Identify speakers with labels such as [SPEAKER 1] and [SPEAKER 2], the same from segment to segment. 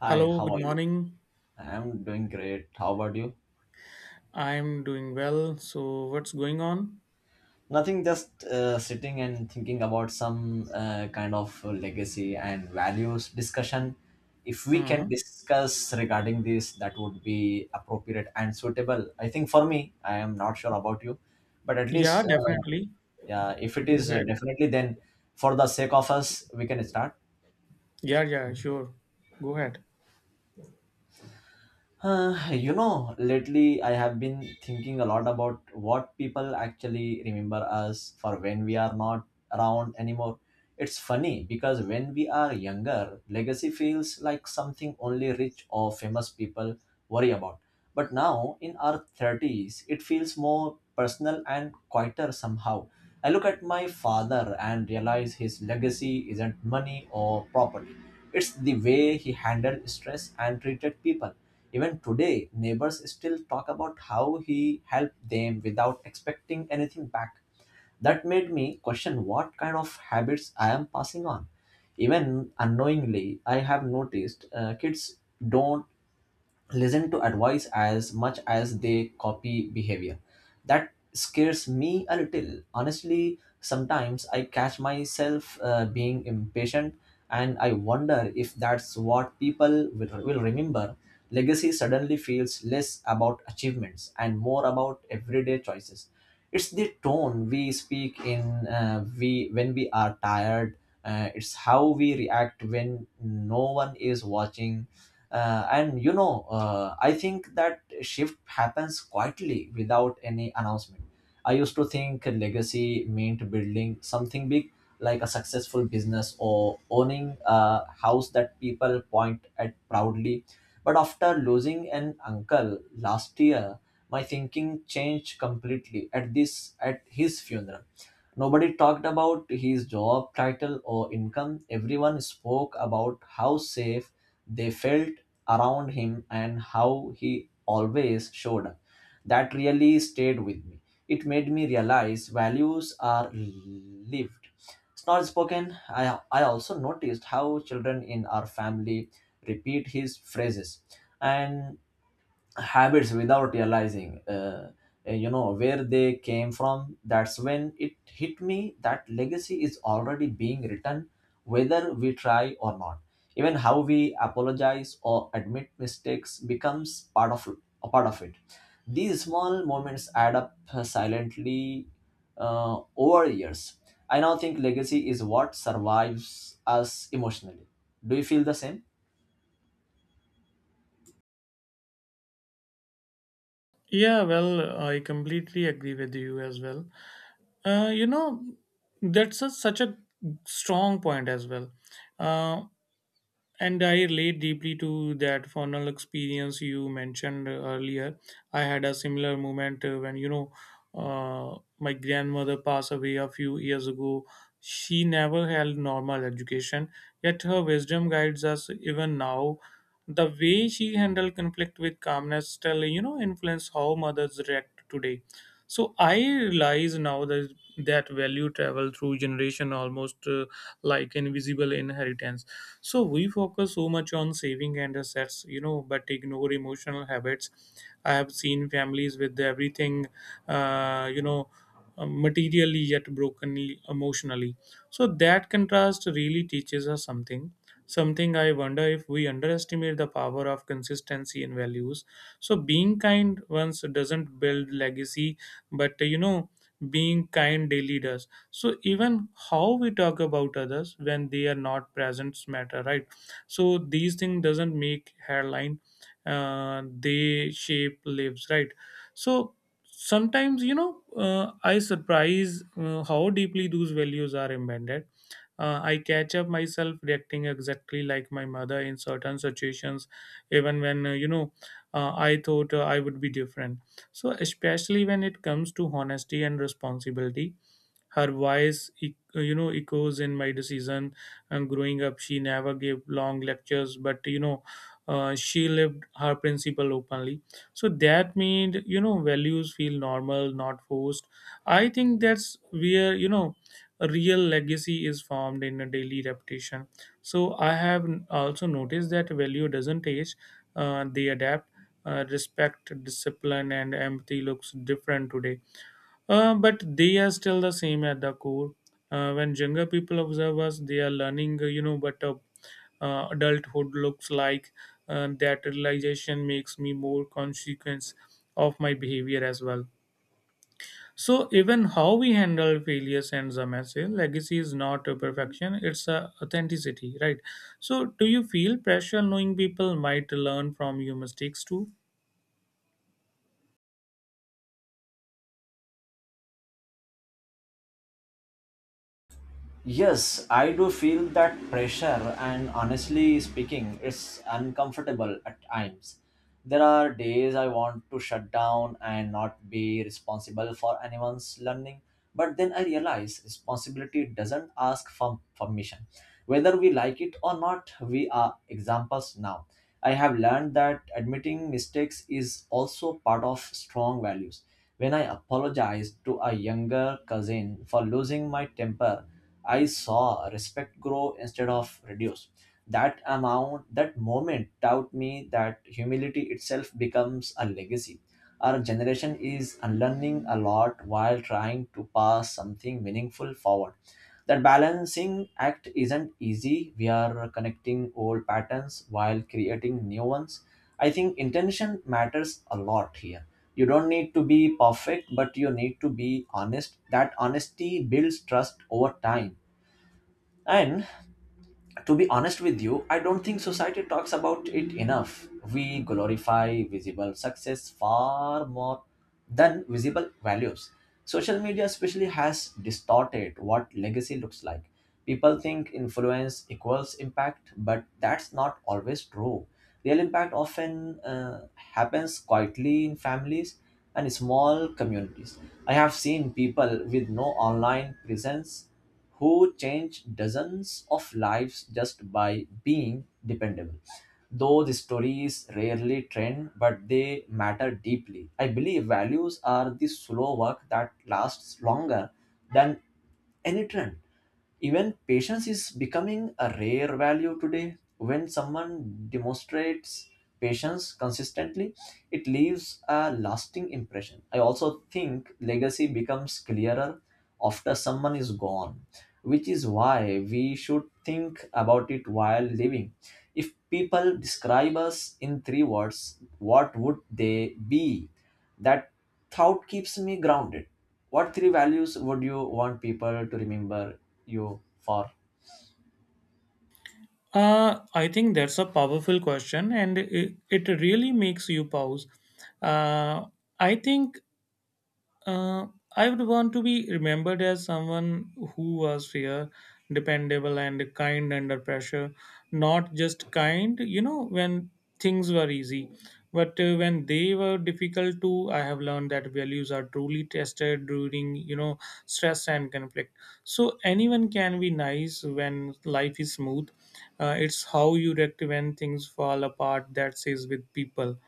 [SPEAKER 1] Hi,
[SPEAKER 2] Hello,
[SPEAKER 1] how
[SPEAKER 2] good
[SPEAKER 1] are you?
[SPEAKER 2] morning.
[SPEAKER 1] I'm doing great. How about you?
[SPEAKER 2] I'm doing well. So, what's going on?
[SPEAKER 1] Nothing, just sitting and thinking about some kind of legacy and values discussion. If we can
[SPEAKER 2] Uh-huh.
[SPEAKER 1] discuss regarding this, that would be appropriate and suitable. I think for me, I am not sure about you, but at
[SPEAKER 2] Yeah,
[SPEAKER 1] least,
[SPEAKER 2] definitely.
[SPEAKER 1] yeah, if it
[SPEAKER 2] Go
[SPEAKER 1] is
[SPEAKER 2] ahead.
[SPEAKER 1] definitely, then for the sake of us, we can start.
[SPEAKER 2] Yeah, yeah, sure. Go ahead.
[SPEAKER 1] Lately I have been thinking a lot about what people actually remember us for when we are not around anymore. It's funny because when we are younger, legacy feels like something only rich or famous people worry about. But now, in our 30s, it feels more personal and quieter somehow. I look at my father and realize his legacy isn't money or property, it's the way he handled stress and treated people even today, neighbors still talk about how he helped them without expecting anything back. That made me question what kind of habits I am passing on. Even unknowingly, I have noticed kids don't listen to advice as much as they copy behavior. That scares me a little. Honestly, sometimes I catch myself being impatient and I wonder if that's what people will remember. Legacy suddenly feels less about achievements and more about everyday choices. It's the tone we speak in we when we are tired. It's how we react when no one is watching and I think that shift happens quietly without any announcement. I used to think legacy meant building something big, like a successful business or owning a house that people point at proudly. But after losing an uncle last year, my thinking changed completely at his funeral. Nobody talked about his job title or income. Everyone spoke about how safe they felt around him and how he always showed up. That really stayed with me. It made me realize values are lived. It's not spoken. I also noticed how children in our family repeat his phrases and habits without realizing where they came from. That's when it hit me that legacy is already being written whether we try or not. Even how we apologize or admit mistakes becomes part of a part of it. These small moments add up silently over years. I now think legacy is what survives us emotionally. Do you feel the same?
[SPEAKER 2] Yeah, well, I completely agree with you as well. You know, that's a, such a strong point as well. Uh, And I relate deeply to that funnel experience you mentioned earlier. I had a similar moment when, my grandmother passed away a few years ago. She never held normal education, yet her wisdom guides us even now. The way she handled conflict with calmness still, you know, influence how mothers react today. So I realize now that that value travel through generation almost like invisible inheritance. So we focus so much on saving and assets, you know, but ignore emotional habits. I have seen families with everything, uh, you know materially yet brokenly emotionally. So that contrast really teaches us something. I wonder if we underestimate the power of consistency in values. So being kind once doesn't build legacy, but, you know, being kind daily does. So even how we talk about others when they are not present matter, right? So these things doesn't make hairline, they shape lives, right? So sometimes, you know, I surprise how deeply those values are embedded. I catch up myself reacting exactly like my mother in certain situations, even when, you know, I thought I would be different. So especially when it comes to honesty and responsibility, her voice, echoes in my decision. And growing up, she never gave long lectures, but, you know, she lived her principle openly. So that made, you know, values feel normal, not forced. I think that's where, you know, a real legacy is formed in a daily repetition. So I have also noticed that value doesn't age; they adapt. Respect, discipline, and empathy looks different today. But they are still the same at the core. When younger people observe us, they are learning, you know, what, adulthood looks like. That realization makes me more consequence of my behavior as well. So even how we handle failure sends a message. Legacy is not a perfection; it's a authenticity, right? So do you feel pressure knowing people might learn from your mistakes too?
[SPEAKER 1] Yes, I do feel that pressure, and honestly speaking, it's uncomfortable at times. There are days I want to shut down and not be responsible for anyone's learning, but then I realize responsibility doesn't ask for permission. Whether we like it or not, we are examples now. I have learned that admitting mistakes is also part of strong values. When I apologized to a younger cousin for losing my temper, I saw respect grow instead of reduce. That moment taught me that humility itself becomes a legacy. Our generation is unlearning a lot while trying to pass something meaningful forward. That balancing act isn't easy. We are connecting old patterns while creating new ones. I think intention matters a lot here. You don't need to be perfect, but you need to be honest. That honesty builds trust over time, and to be honest with you, I don't think society talks about it enough. We glorify visible success far more than visible values. Social media, especially, has distorted what legacy looks like. People think influence equals impact, but that's not always true. Real impact often happens quietly in families and small communities. I have seen people with no online presence who change dozens of lives just by being dependable. Those stories rarely trend, but they matter deeply. I believe values are the slow work that lasts longer than any trend. Even patience is becoming a rare value today. When someone demonstrates patience consistently, it leaves a lasting impression. I also think legacy becomes clearer after someone is gone, which is why we should think about it while living. If people describe us in three words, what would they be? That thought keeps me grounded. What three values would you want people to remember you for?
[SPEAKER 2] I think that's a powerful question, and it really makes you pause. Uh, I think uh, I would want to be remembered as someone who was fair, dependable, and kind under pressure. Not just kind, you know, when things were easy, but when they were difficult too. I have learned that values are truly tested during, you know, stress and conflict. So anyone can be nice when life is smooth. It's how you react when things fall apart that says with people.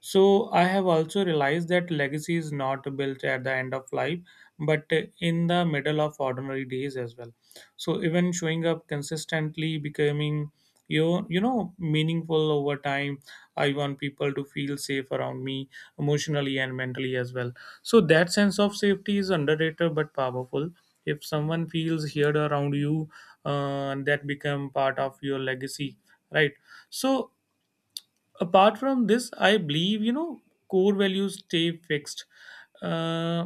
[SPEAKER 2] So I have also realized that legacy is not built at the end of life, but in the middle of ordinary days as well. So even showing up consistently, becoming you know meaningful over time. I want people to feel safe around me emotionally and mentally as well. So that sense of safety is underrated but powerful. If someone feels heard around you, that become part of your legacy, right? So apart from this, I believe, you know, core values stay fixed, uh,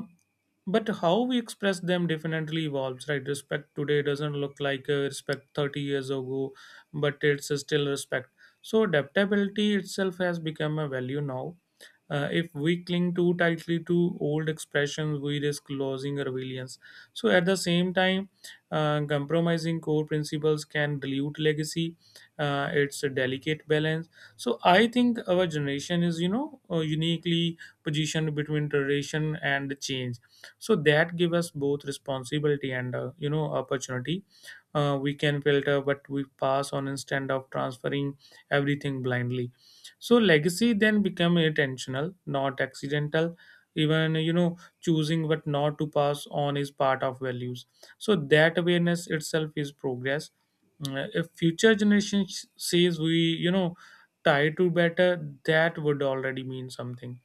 [SPEAKER 2] but how we express them definitely evolves, right? Respect today doesn't look like respect 30 years ago, but it's still respect. So adaptability itself has become a value now. If we cling too tightly to old expressions, we risk losing our resilience. So, at the same time, compromising core principles can dilute legacy. It's a delicate balance. So I think our generation is, you know, uniquely positioned between tradition and change. So that give us both responsibility and, you know, opportunity. We can filter, but we pass on instead of transferring everything blindly. So legacy then become intentional, not accidental. Even, you know, choosing what not to pass on is part of values. So that awareness itself is progress. If future generation says we, you know, try to better, that would already mean something.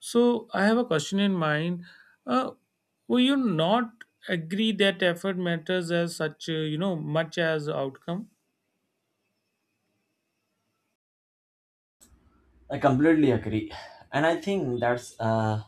[SPEAKER 2] So I have a question in mind. uh, will you not agree that effort matters as such, you know, much as outcome?
[SPEAKER 1] I completely agree. And I think that's a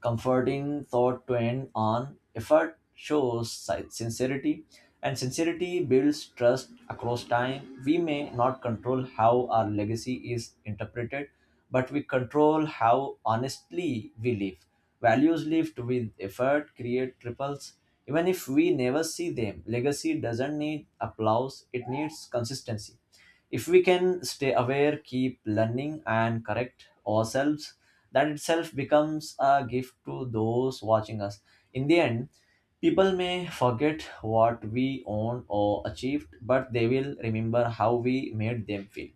[SPEAKER 1] comforting thought to end on. Effort shows sincerity, and sincerity builds trust across time. We may not control how our legacy is interpreted, but we control how honestly we live. Values lived with effort create ripples. Even if we never see them, legacy doesn't need applause, it needs consistency. If we can stay aware, keep learning, and correct ourselves, that itself becomes a gift to those watching us. In the end, people may forget what we own or achieved, but they will remember how we made them feel.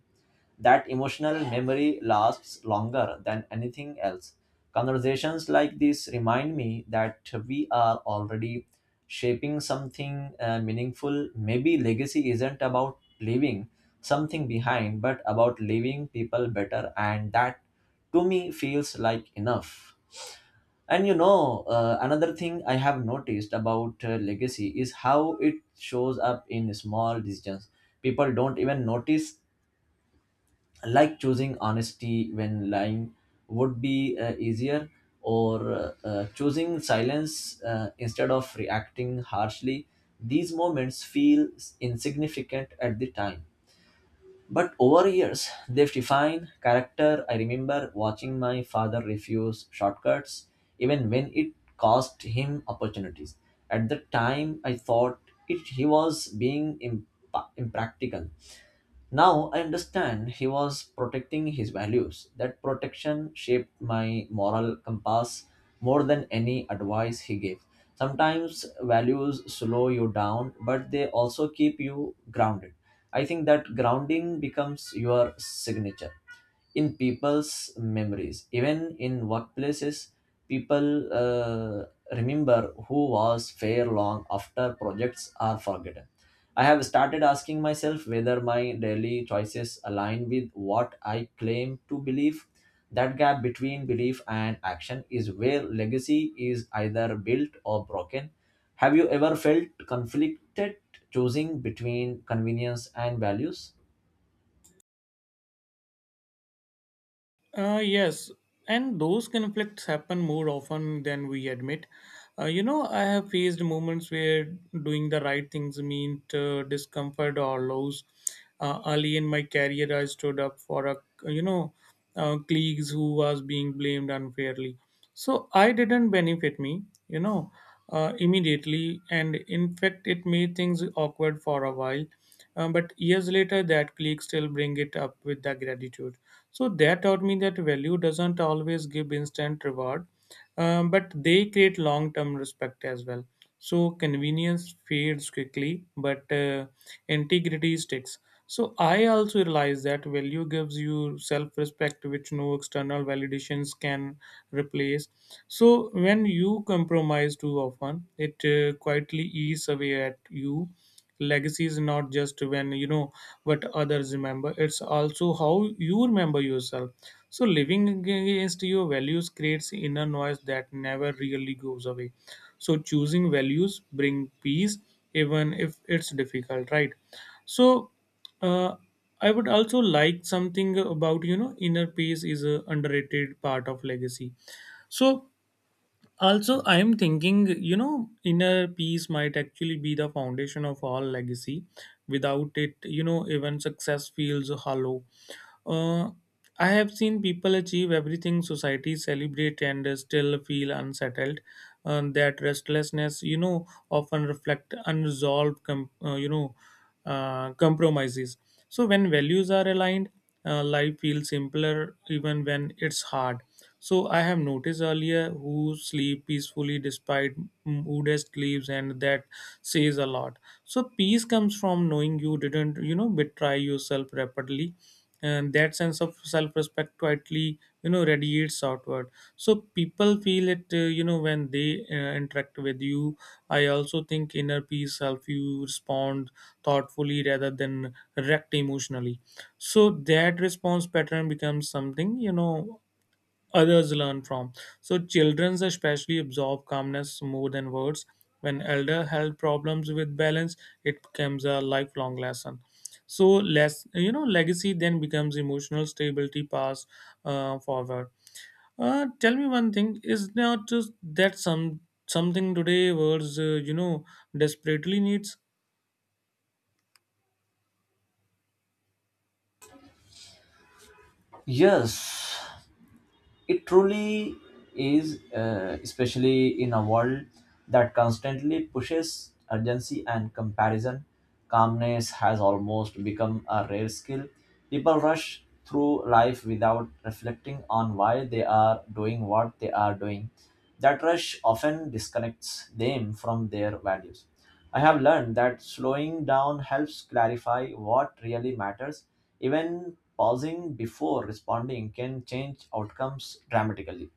[SPEAKER 1] That emotional memory lasts longer than anything else. Conversations like this remind me that we are already shaping something meaningful. Maybe legacy isn't about leaving something behind, but about leaving people better, and that to me feels like enough. Another thing I have noticed about legacy is how it shows up in small decisions. People don't even notice, like choosing honesty when lying would be easier, or choosing silence instead of reacting harshly. These moments feel insignificant at the time, but over years they've defined character. I remember watching my father refuse shortcuts even when it cost him opportunities. At the time I thought he was being impractical. Now I understand he was protecting his values. That protection shaped my moral compass more than any advice he gave. Sometimes values slow you down, but they also keep you grounded. I think that grounding becomes your signature in people's memories. Even in workplaces, people remember who was fair long after projects are forgotten. I have started asking myself whether my daily choices align with what I claim to believe. That gap between belief and action is where legacy is either built or broken. Have you ever felt conflicted choosing between convenience and values?
[SPEAKER 2] Yes, and those conflicts happen more often than we admit. You know, I have faced moments where doing the right things meant discomfort or loss. Early in my career, I stood up for a, you know, colleagues who was being blamed unfairly, so I didn't benefit me, you know, immediately, and in fact it made things awkward for a while. But years later that clique still bring it up with the gratitude. So that taught me that value doesn't always give instant reward, but they create long-term respect as well. So convenience fades quickly, but integrity sticks. So I also realize that value gives you self-respect, which no external validations can replace. So when you compromise too often, it quietly eats away at you. Legacy is not just, when you know, what others remember; it's also how you remember yourself. So living against your values creates inner noise that never really goes away. So choosing values bring peace, even if it's difficult, right? So, uh, I would also like something about, you know, inner peace is a underrated part of legacy. So also, I am thinking, you know, inner peace might actually be the foundation of all legacy. Without it, you know, even success feels hollow. Uh, I have seen people achieve everything society celebrate and still feel unsettled. That restlessness, you know, often reflect unresolved, compromises. So when values are aligned, life feels simpler even when it's hard. So I have noticed earlier who sleep peacefully despite moodest leaves, and that says a lot. So peace comes from knowing you didn't, you know, betray yourself rapidly, and that sense of self-respect quietly, you know, radiates outward. So people feel it, when they interact with you. I also think inner peace helps you respond thoughtfully rather than react emotionally. So that response pattern becomes something, you know, others learn from. So children especially absorb calmness more than words. When elder health problems with balance, it becomes a lifelong lesson. So less, you know, legacy then becomes emotional stability passed forward. Tell me one thing: is not just that something today words, you know, desperately needs?
[SPEAKER 1] Yes, it truly is, especially in a world that constantly pushes urgency and comparison. Calmness has almost become a rare skill. People rush through life without reflecting on why they are doing what they are doing. That rush often disconnects them from their values. I have learned that slowing down helps clarify what really matters. Even pausing before responding can change outcomes dramatically.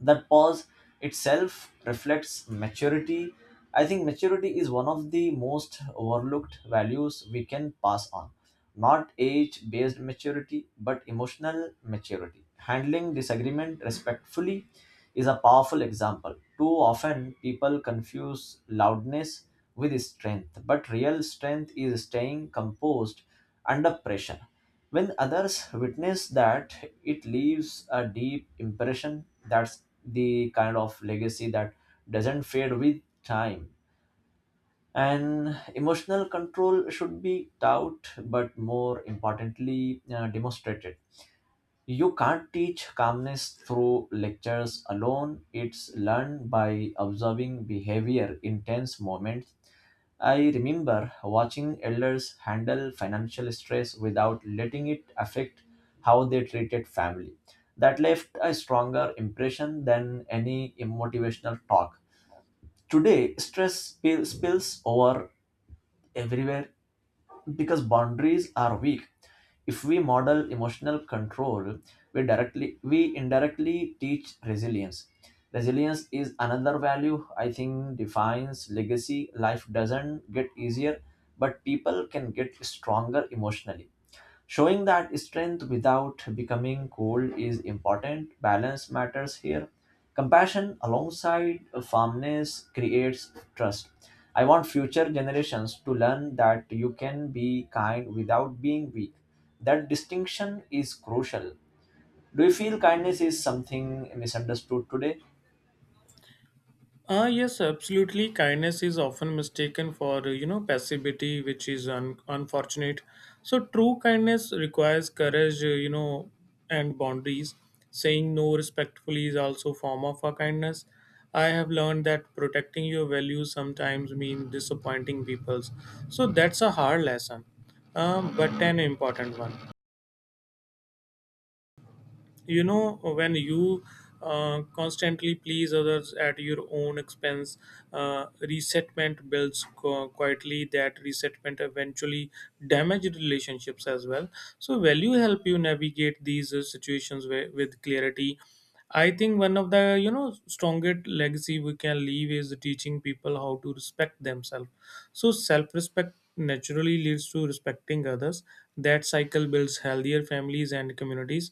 [SPEAKER 1] That pause itself reflects maturity. I think maturity is one of the most overlooked values we can pass on, not age based maturity but emotional maturity. Handling disagreement respectfully is a powerful example. Too often people confuse loudness with strength, but real strength is staying composed under pressure. When others witness that, it leaves a deep impression. That's the kind of legacy that doesn't fade with time. And emotional control should be taught, but more importantly, demonstrated. You can't teach calmness through lectures alone. It's learned by observing behavior in tense moments. I remember watching elders handle financial stress without letting it affect how they treated family. That left a stronger impression than any motivational talk. Today, spills over everywhere because boundaries are weak. If we model emotional control, we indirectly teach resilience. Resilience is another value I think defines legacy. Life doesn't get easier, but people can get stronger emotionally. Showing that strength without becoming cold is important. Balance matters here. Compassion alongside firmness creates trust. I want future generations to learn that you can be kind without being weak. That distinction is crucial. Do you feel kindness is something misunderstood today?
[SPEAKER 2] Ah, yes, absolutely. Kindness is often mistaken for, you know, passivity, which is unfortunate. So, true kindness requires courage, and boundaries. Saying no respectfully is also a form of a kindness. I have learned that protecting your values sometimes means disappointing people's. So, that's a hard lesson, but an important one. You know, when you constantly please others at your own expense, resentment builds quietly. That resentment eventually damages relationships as well. So value help you navigate these situations with clarity. I think one of the, you know, strongest legacy we can leave is teaching people how to respect themselves. So self-respect naturally leads to respecting others. That cycle builds healthier families and communities.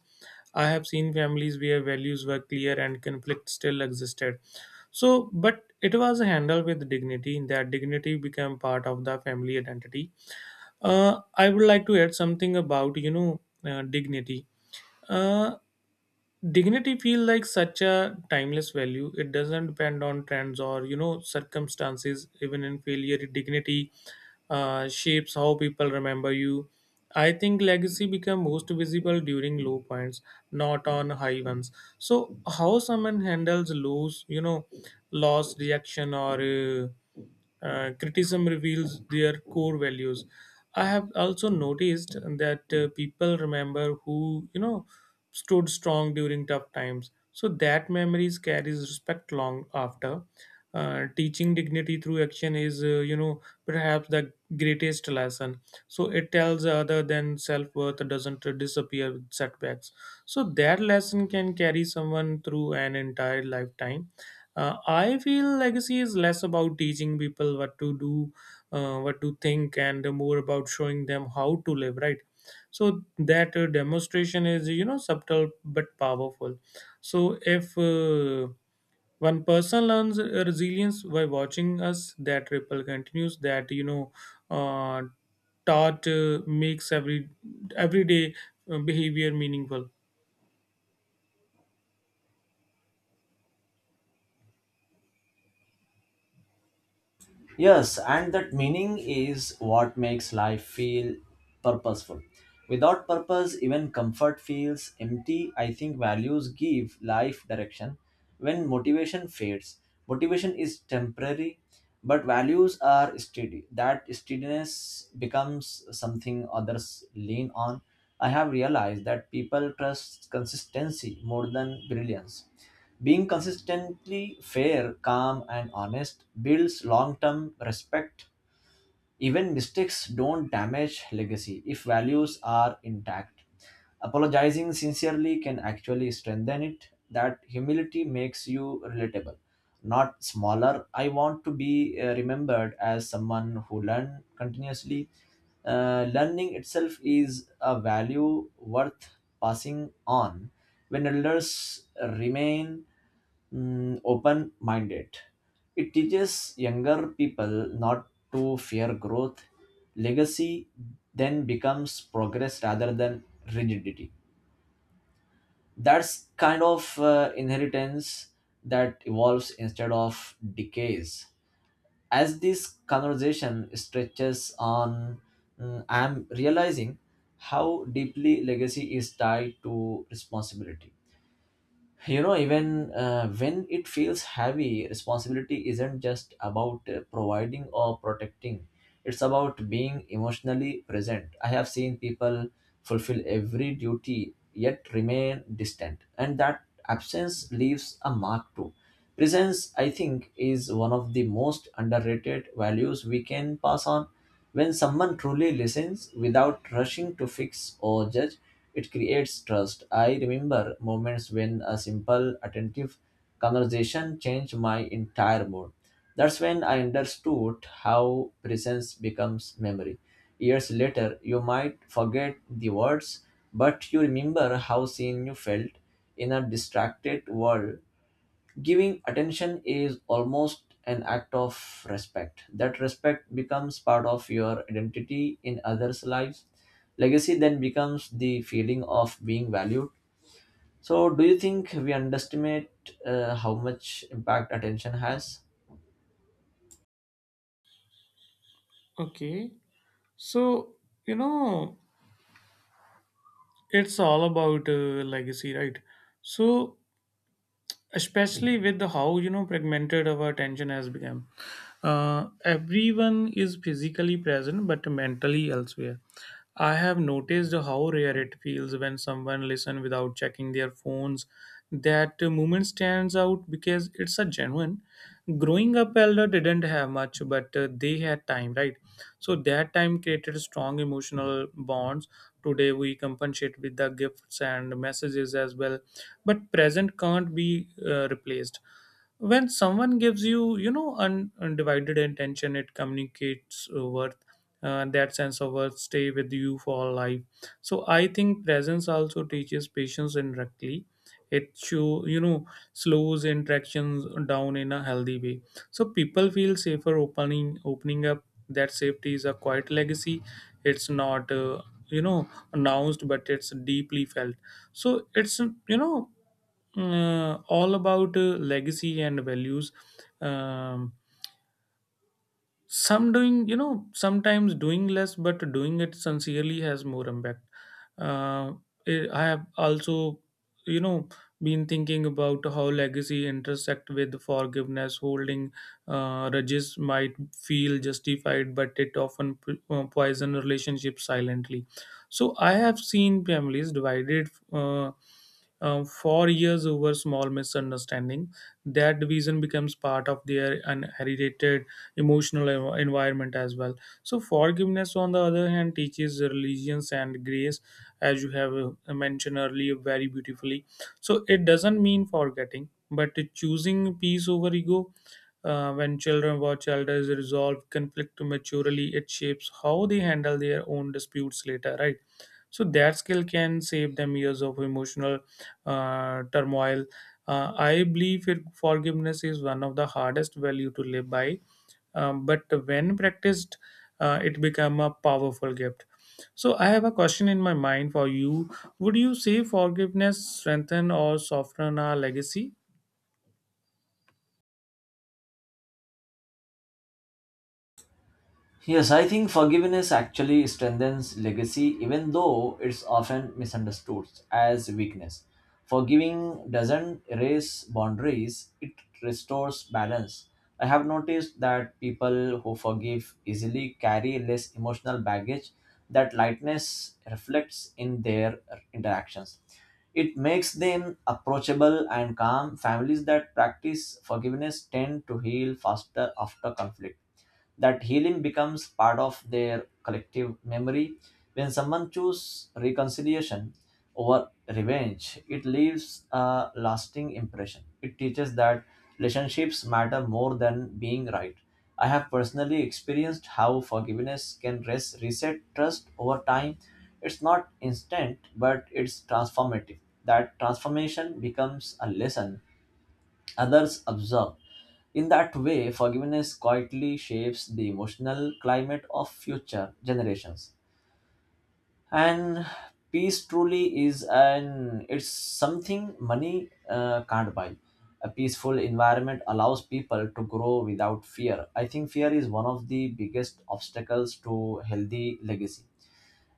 [SPEAKER 2] I have seen families where values were clear and conflict still existed. So, but it was handled with dignity. That dignity became part of the family identity. I would like to add something about, you know, dignity. Uh, Dignity feel like such a timeless value. It doesn't depend on trends or, you know, circumstances. Even in failure, dignity shapes how people remember you. I think legacy become most visible during low points, not on high ones. So how someone handles lows, you know, loss reaction or, criticism reveals their core values. I have also noticed that, people remember who, you know, stood strong during tough times. So that memories carries respect long after. Teaching dignity through action is, you know, perhaps the greatest lesson. So it tells other than self worth doesn't disappear with setbacks. So that lesson can carry someone through an entire lifetime. I feel legacy is less about teaching people what to do, what to think, and more about showing them how to live. Right, so that demonstration is, subtle but powerful. So if one person learns resilience by watching us, that ripple continues. That you know uh, taught Makes everyday behavior meaningful.
[SPEAKER 1] Yes, and that meaning is what makes life feel purposeful. Without purpose, even comfort feels empty. I think values give life direction. When motivation fades, Motivation is temporary, but values are steady. That steadiness becomes something others lean on. I have realized that people trust consistency more than brilliance. Being consistently fair, calm, and honest builds long term respect. Even mistakes don't damage legacy if values are intact. Apologizing sincerely can actually strengthen it. That humility makes you relatable, not smaller. I want to be remembered as someone who learned continuously. Learning itself is a value worth passing on. When elders remain open minded, it teaches younger people not to fear growth. Legacy then becomes progress rather than rigidity. That's kind of inheritance that evolves instead of decays. As this conversation stretches on, I'm realizing how deeply legacy is tied to responsibility. You know, even when it feels heavy, responsibility isn't just about providing or protecting, it's about being emotionally present. I have seen people fulfill every duty yet remain distant, and that absence leaves a mark too. Presence, I think, is one of the most underrated values we can pass on. When someone truly listens without rushing to fix or judge, it creates trust. I remember moments when a simple, attentive conversation changed my entire mood. That's when I understood how presence becomes memory. Years later, you might forget the words, but you remember how seen you felt. In a distracted world, giving attention is almost an act of respect. That respect becomes part of your identity in others' lives. Legacy then becomes the feeling of being valued. So, do you think we underestimate how much impact attention has?
[SPEAKER 2] Okay, so, you know it's all about legacy, right? So, especially with the how fragmented our attention has become, everyone is physically present but mentally elsewhere. I have noticed how rare it feels when someone listens without checking their phones. That moment stands out because it's a genuine growing up. Elder didn't have much, but they had time, right? So that time created strong emotional bonds. Today we compensate with the gifts and messages as well, but present can't be replaced. When someone gives you, you know undivided attention, it communicates worth. That sense of worth stay with you for life. So I think presence also teaches patience indirectly. It show, slows interactions down in a healthy way. So people feel safer opening up. That safety is a quiet legacy. It's not you know announced, but it's deeply felt. So it's, you know all about legacy and values. um, Sometimes doing less but doing it sincerely has more impact. uh, I have also, you know been thinking about how legacy intersect with forgiveness. Holding grudges might feel justified, but it often poison relationships silently. So I have seen families divided, for years over small misunderstanding. That division becomes part of their inherited emotional environment as well. So, forgiveness, on the other hand, teaches religions and grace, as you have mentioned earlier very beautifully. So, it doesn't mean forgetting, but it choosing peace over ego. When children watch elders resolve conflict maturely, it shapes how they handle their own disputes later, right? So that skill can save them years of emotional turmoil. I believe it, forgiveness is one of the hardest value to live by, but when practiced, it become a powerful gift. So I have a question in my mind for you. Would you say forgiveness strengthen or soften our legacy?
[SPEAKER 1] Yes, I think forgiveness actually strengthens legacy, even though it's often misunderstood as weakness. Forgiving doesn't erase boundaries, it restores balance. I have noticed that people who forgive easily carry less emotional baggage. That lightness reflects in their interactions. It makes them approachable and calm. Families that practice forgiveness tend to heal faster after conflict. That healing becomes part of their collective memory. When someone chooses reconciliation over revenge, it leaves a lasting impression. It teaches that relationships matter more than being right. I have personally experienced how forgiveness can reset trust over time. It's not instant, but it's transformative. That transformation becomes a lesson others observe. In that way, forgiveness quietly shapes the emotional climate of future generations. And peace truly is an it's something money can't buy. A peaceful environment allows people to grow without fear. I think fear is one of the biggest obstacles to healthy legacy.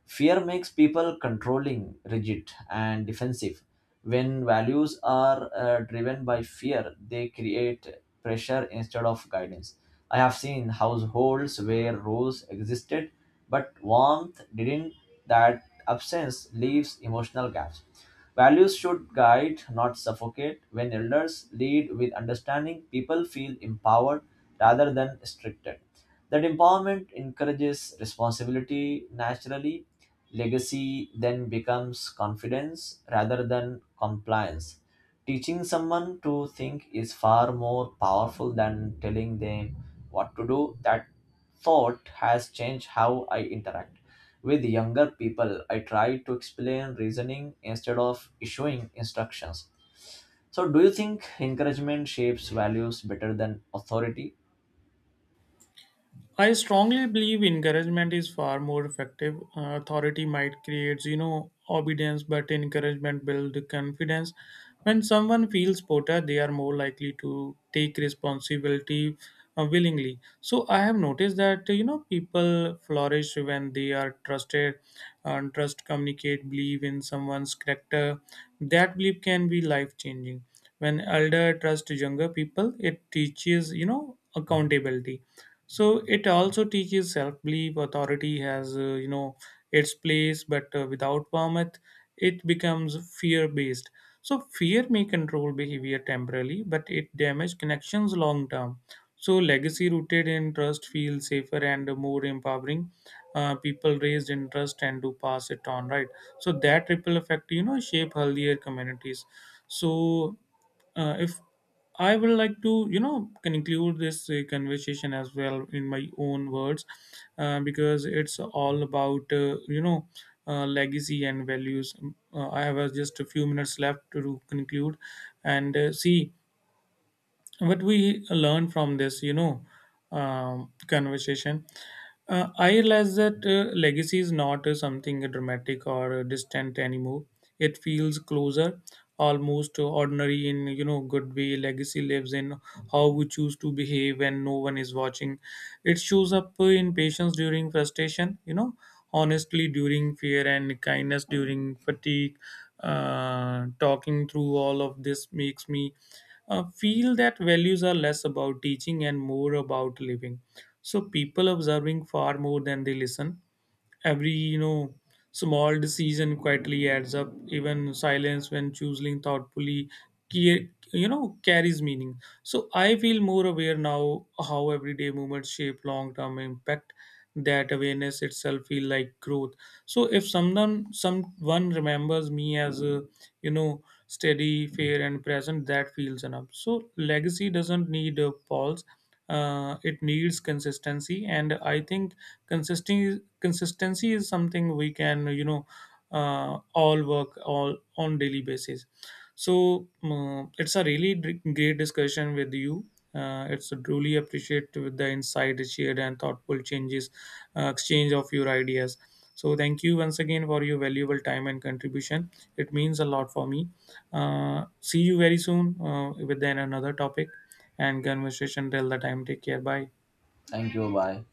[SPEAKER 1] Fear makes people controlling, rigid, and defensive. When values are driven by fear, they create pressure instead of guidance. I have seen households where rules existed but warmth didn't. That absence leaves emotional gaps. Values should guide, not suffocate. When elders lead with understanding, people feel empowered rather than restricted. That empowerment encourages responsibility naturally. Legacy then becomes confidence rather than compliance. Teaching someone to think is far more powerful than telling them what to do. That thought has changed how I interact. With younger people, I try to explain reasoning instead of issuing instructions. So, do you think encouragement shapes values better than authority?
[SPEAKER 2] I strongly believe encouragement is far more effective. Authority might create, you know, obedience, but encouragement builds confidence. When someone feels supported, they are more likely to take responsibility willingly. So I have noticed that, people flourish when they are trusted, and trust, communicate, believe in someone's character. That belief can be life changing. When elder trust younger people, it teaches, accountability. So it also teaches self-belief. Authority has, its place, but without permit, it becomes fear-based. So fear may control behavior temporarily, but it damages connections long term. So legacy rooted in trust feels safer and more empowering. People raised in trust and to pass it on, right? So that ripple effect, shape healthier communities. so if I would like to, can include this conversation as well in my own words, because it's all about, legacy and values. I have just a few minutes left to conclude and see what we learn from this, conversation. I realize that legacy is not something dramatic or distant anymore. It feels closer, almost ordinary in, good way. Legacy lives in how we choose to behave when no one is watching. It shows up in patience during frustration, honestly during fear, and kindness during fatigue. Talking through all of this makes me feel that values are less about teaching and more about living. So people observing far more than they listen. Every, small decision quietly adds up. Even silence, when choosing thoughtfully, carries meaning. So I feel more aware now how everyday movements shape long term impact. That awareness itself feel like growth. So if someone remembers me as a, steady, fair, and present, that feels enough. So legacy doesn't need a pause. It needs consistency, and I think consistency is something we can, all work all on daily basis. So it's a really great discussion with you. It's truly appreciate with the insight shared and thoughtful changes, exchange of your ideas. So thank you once again for your valuable time and contribution. It means a lot for me. See you very soon within another topic and conversation. Till the time, take care. Bye.
[SPEAKER 1] Thank you. Bye.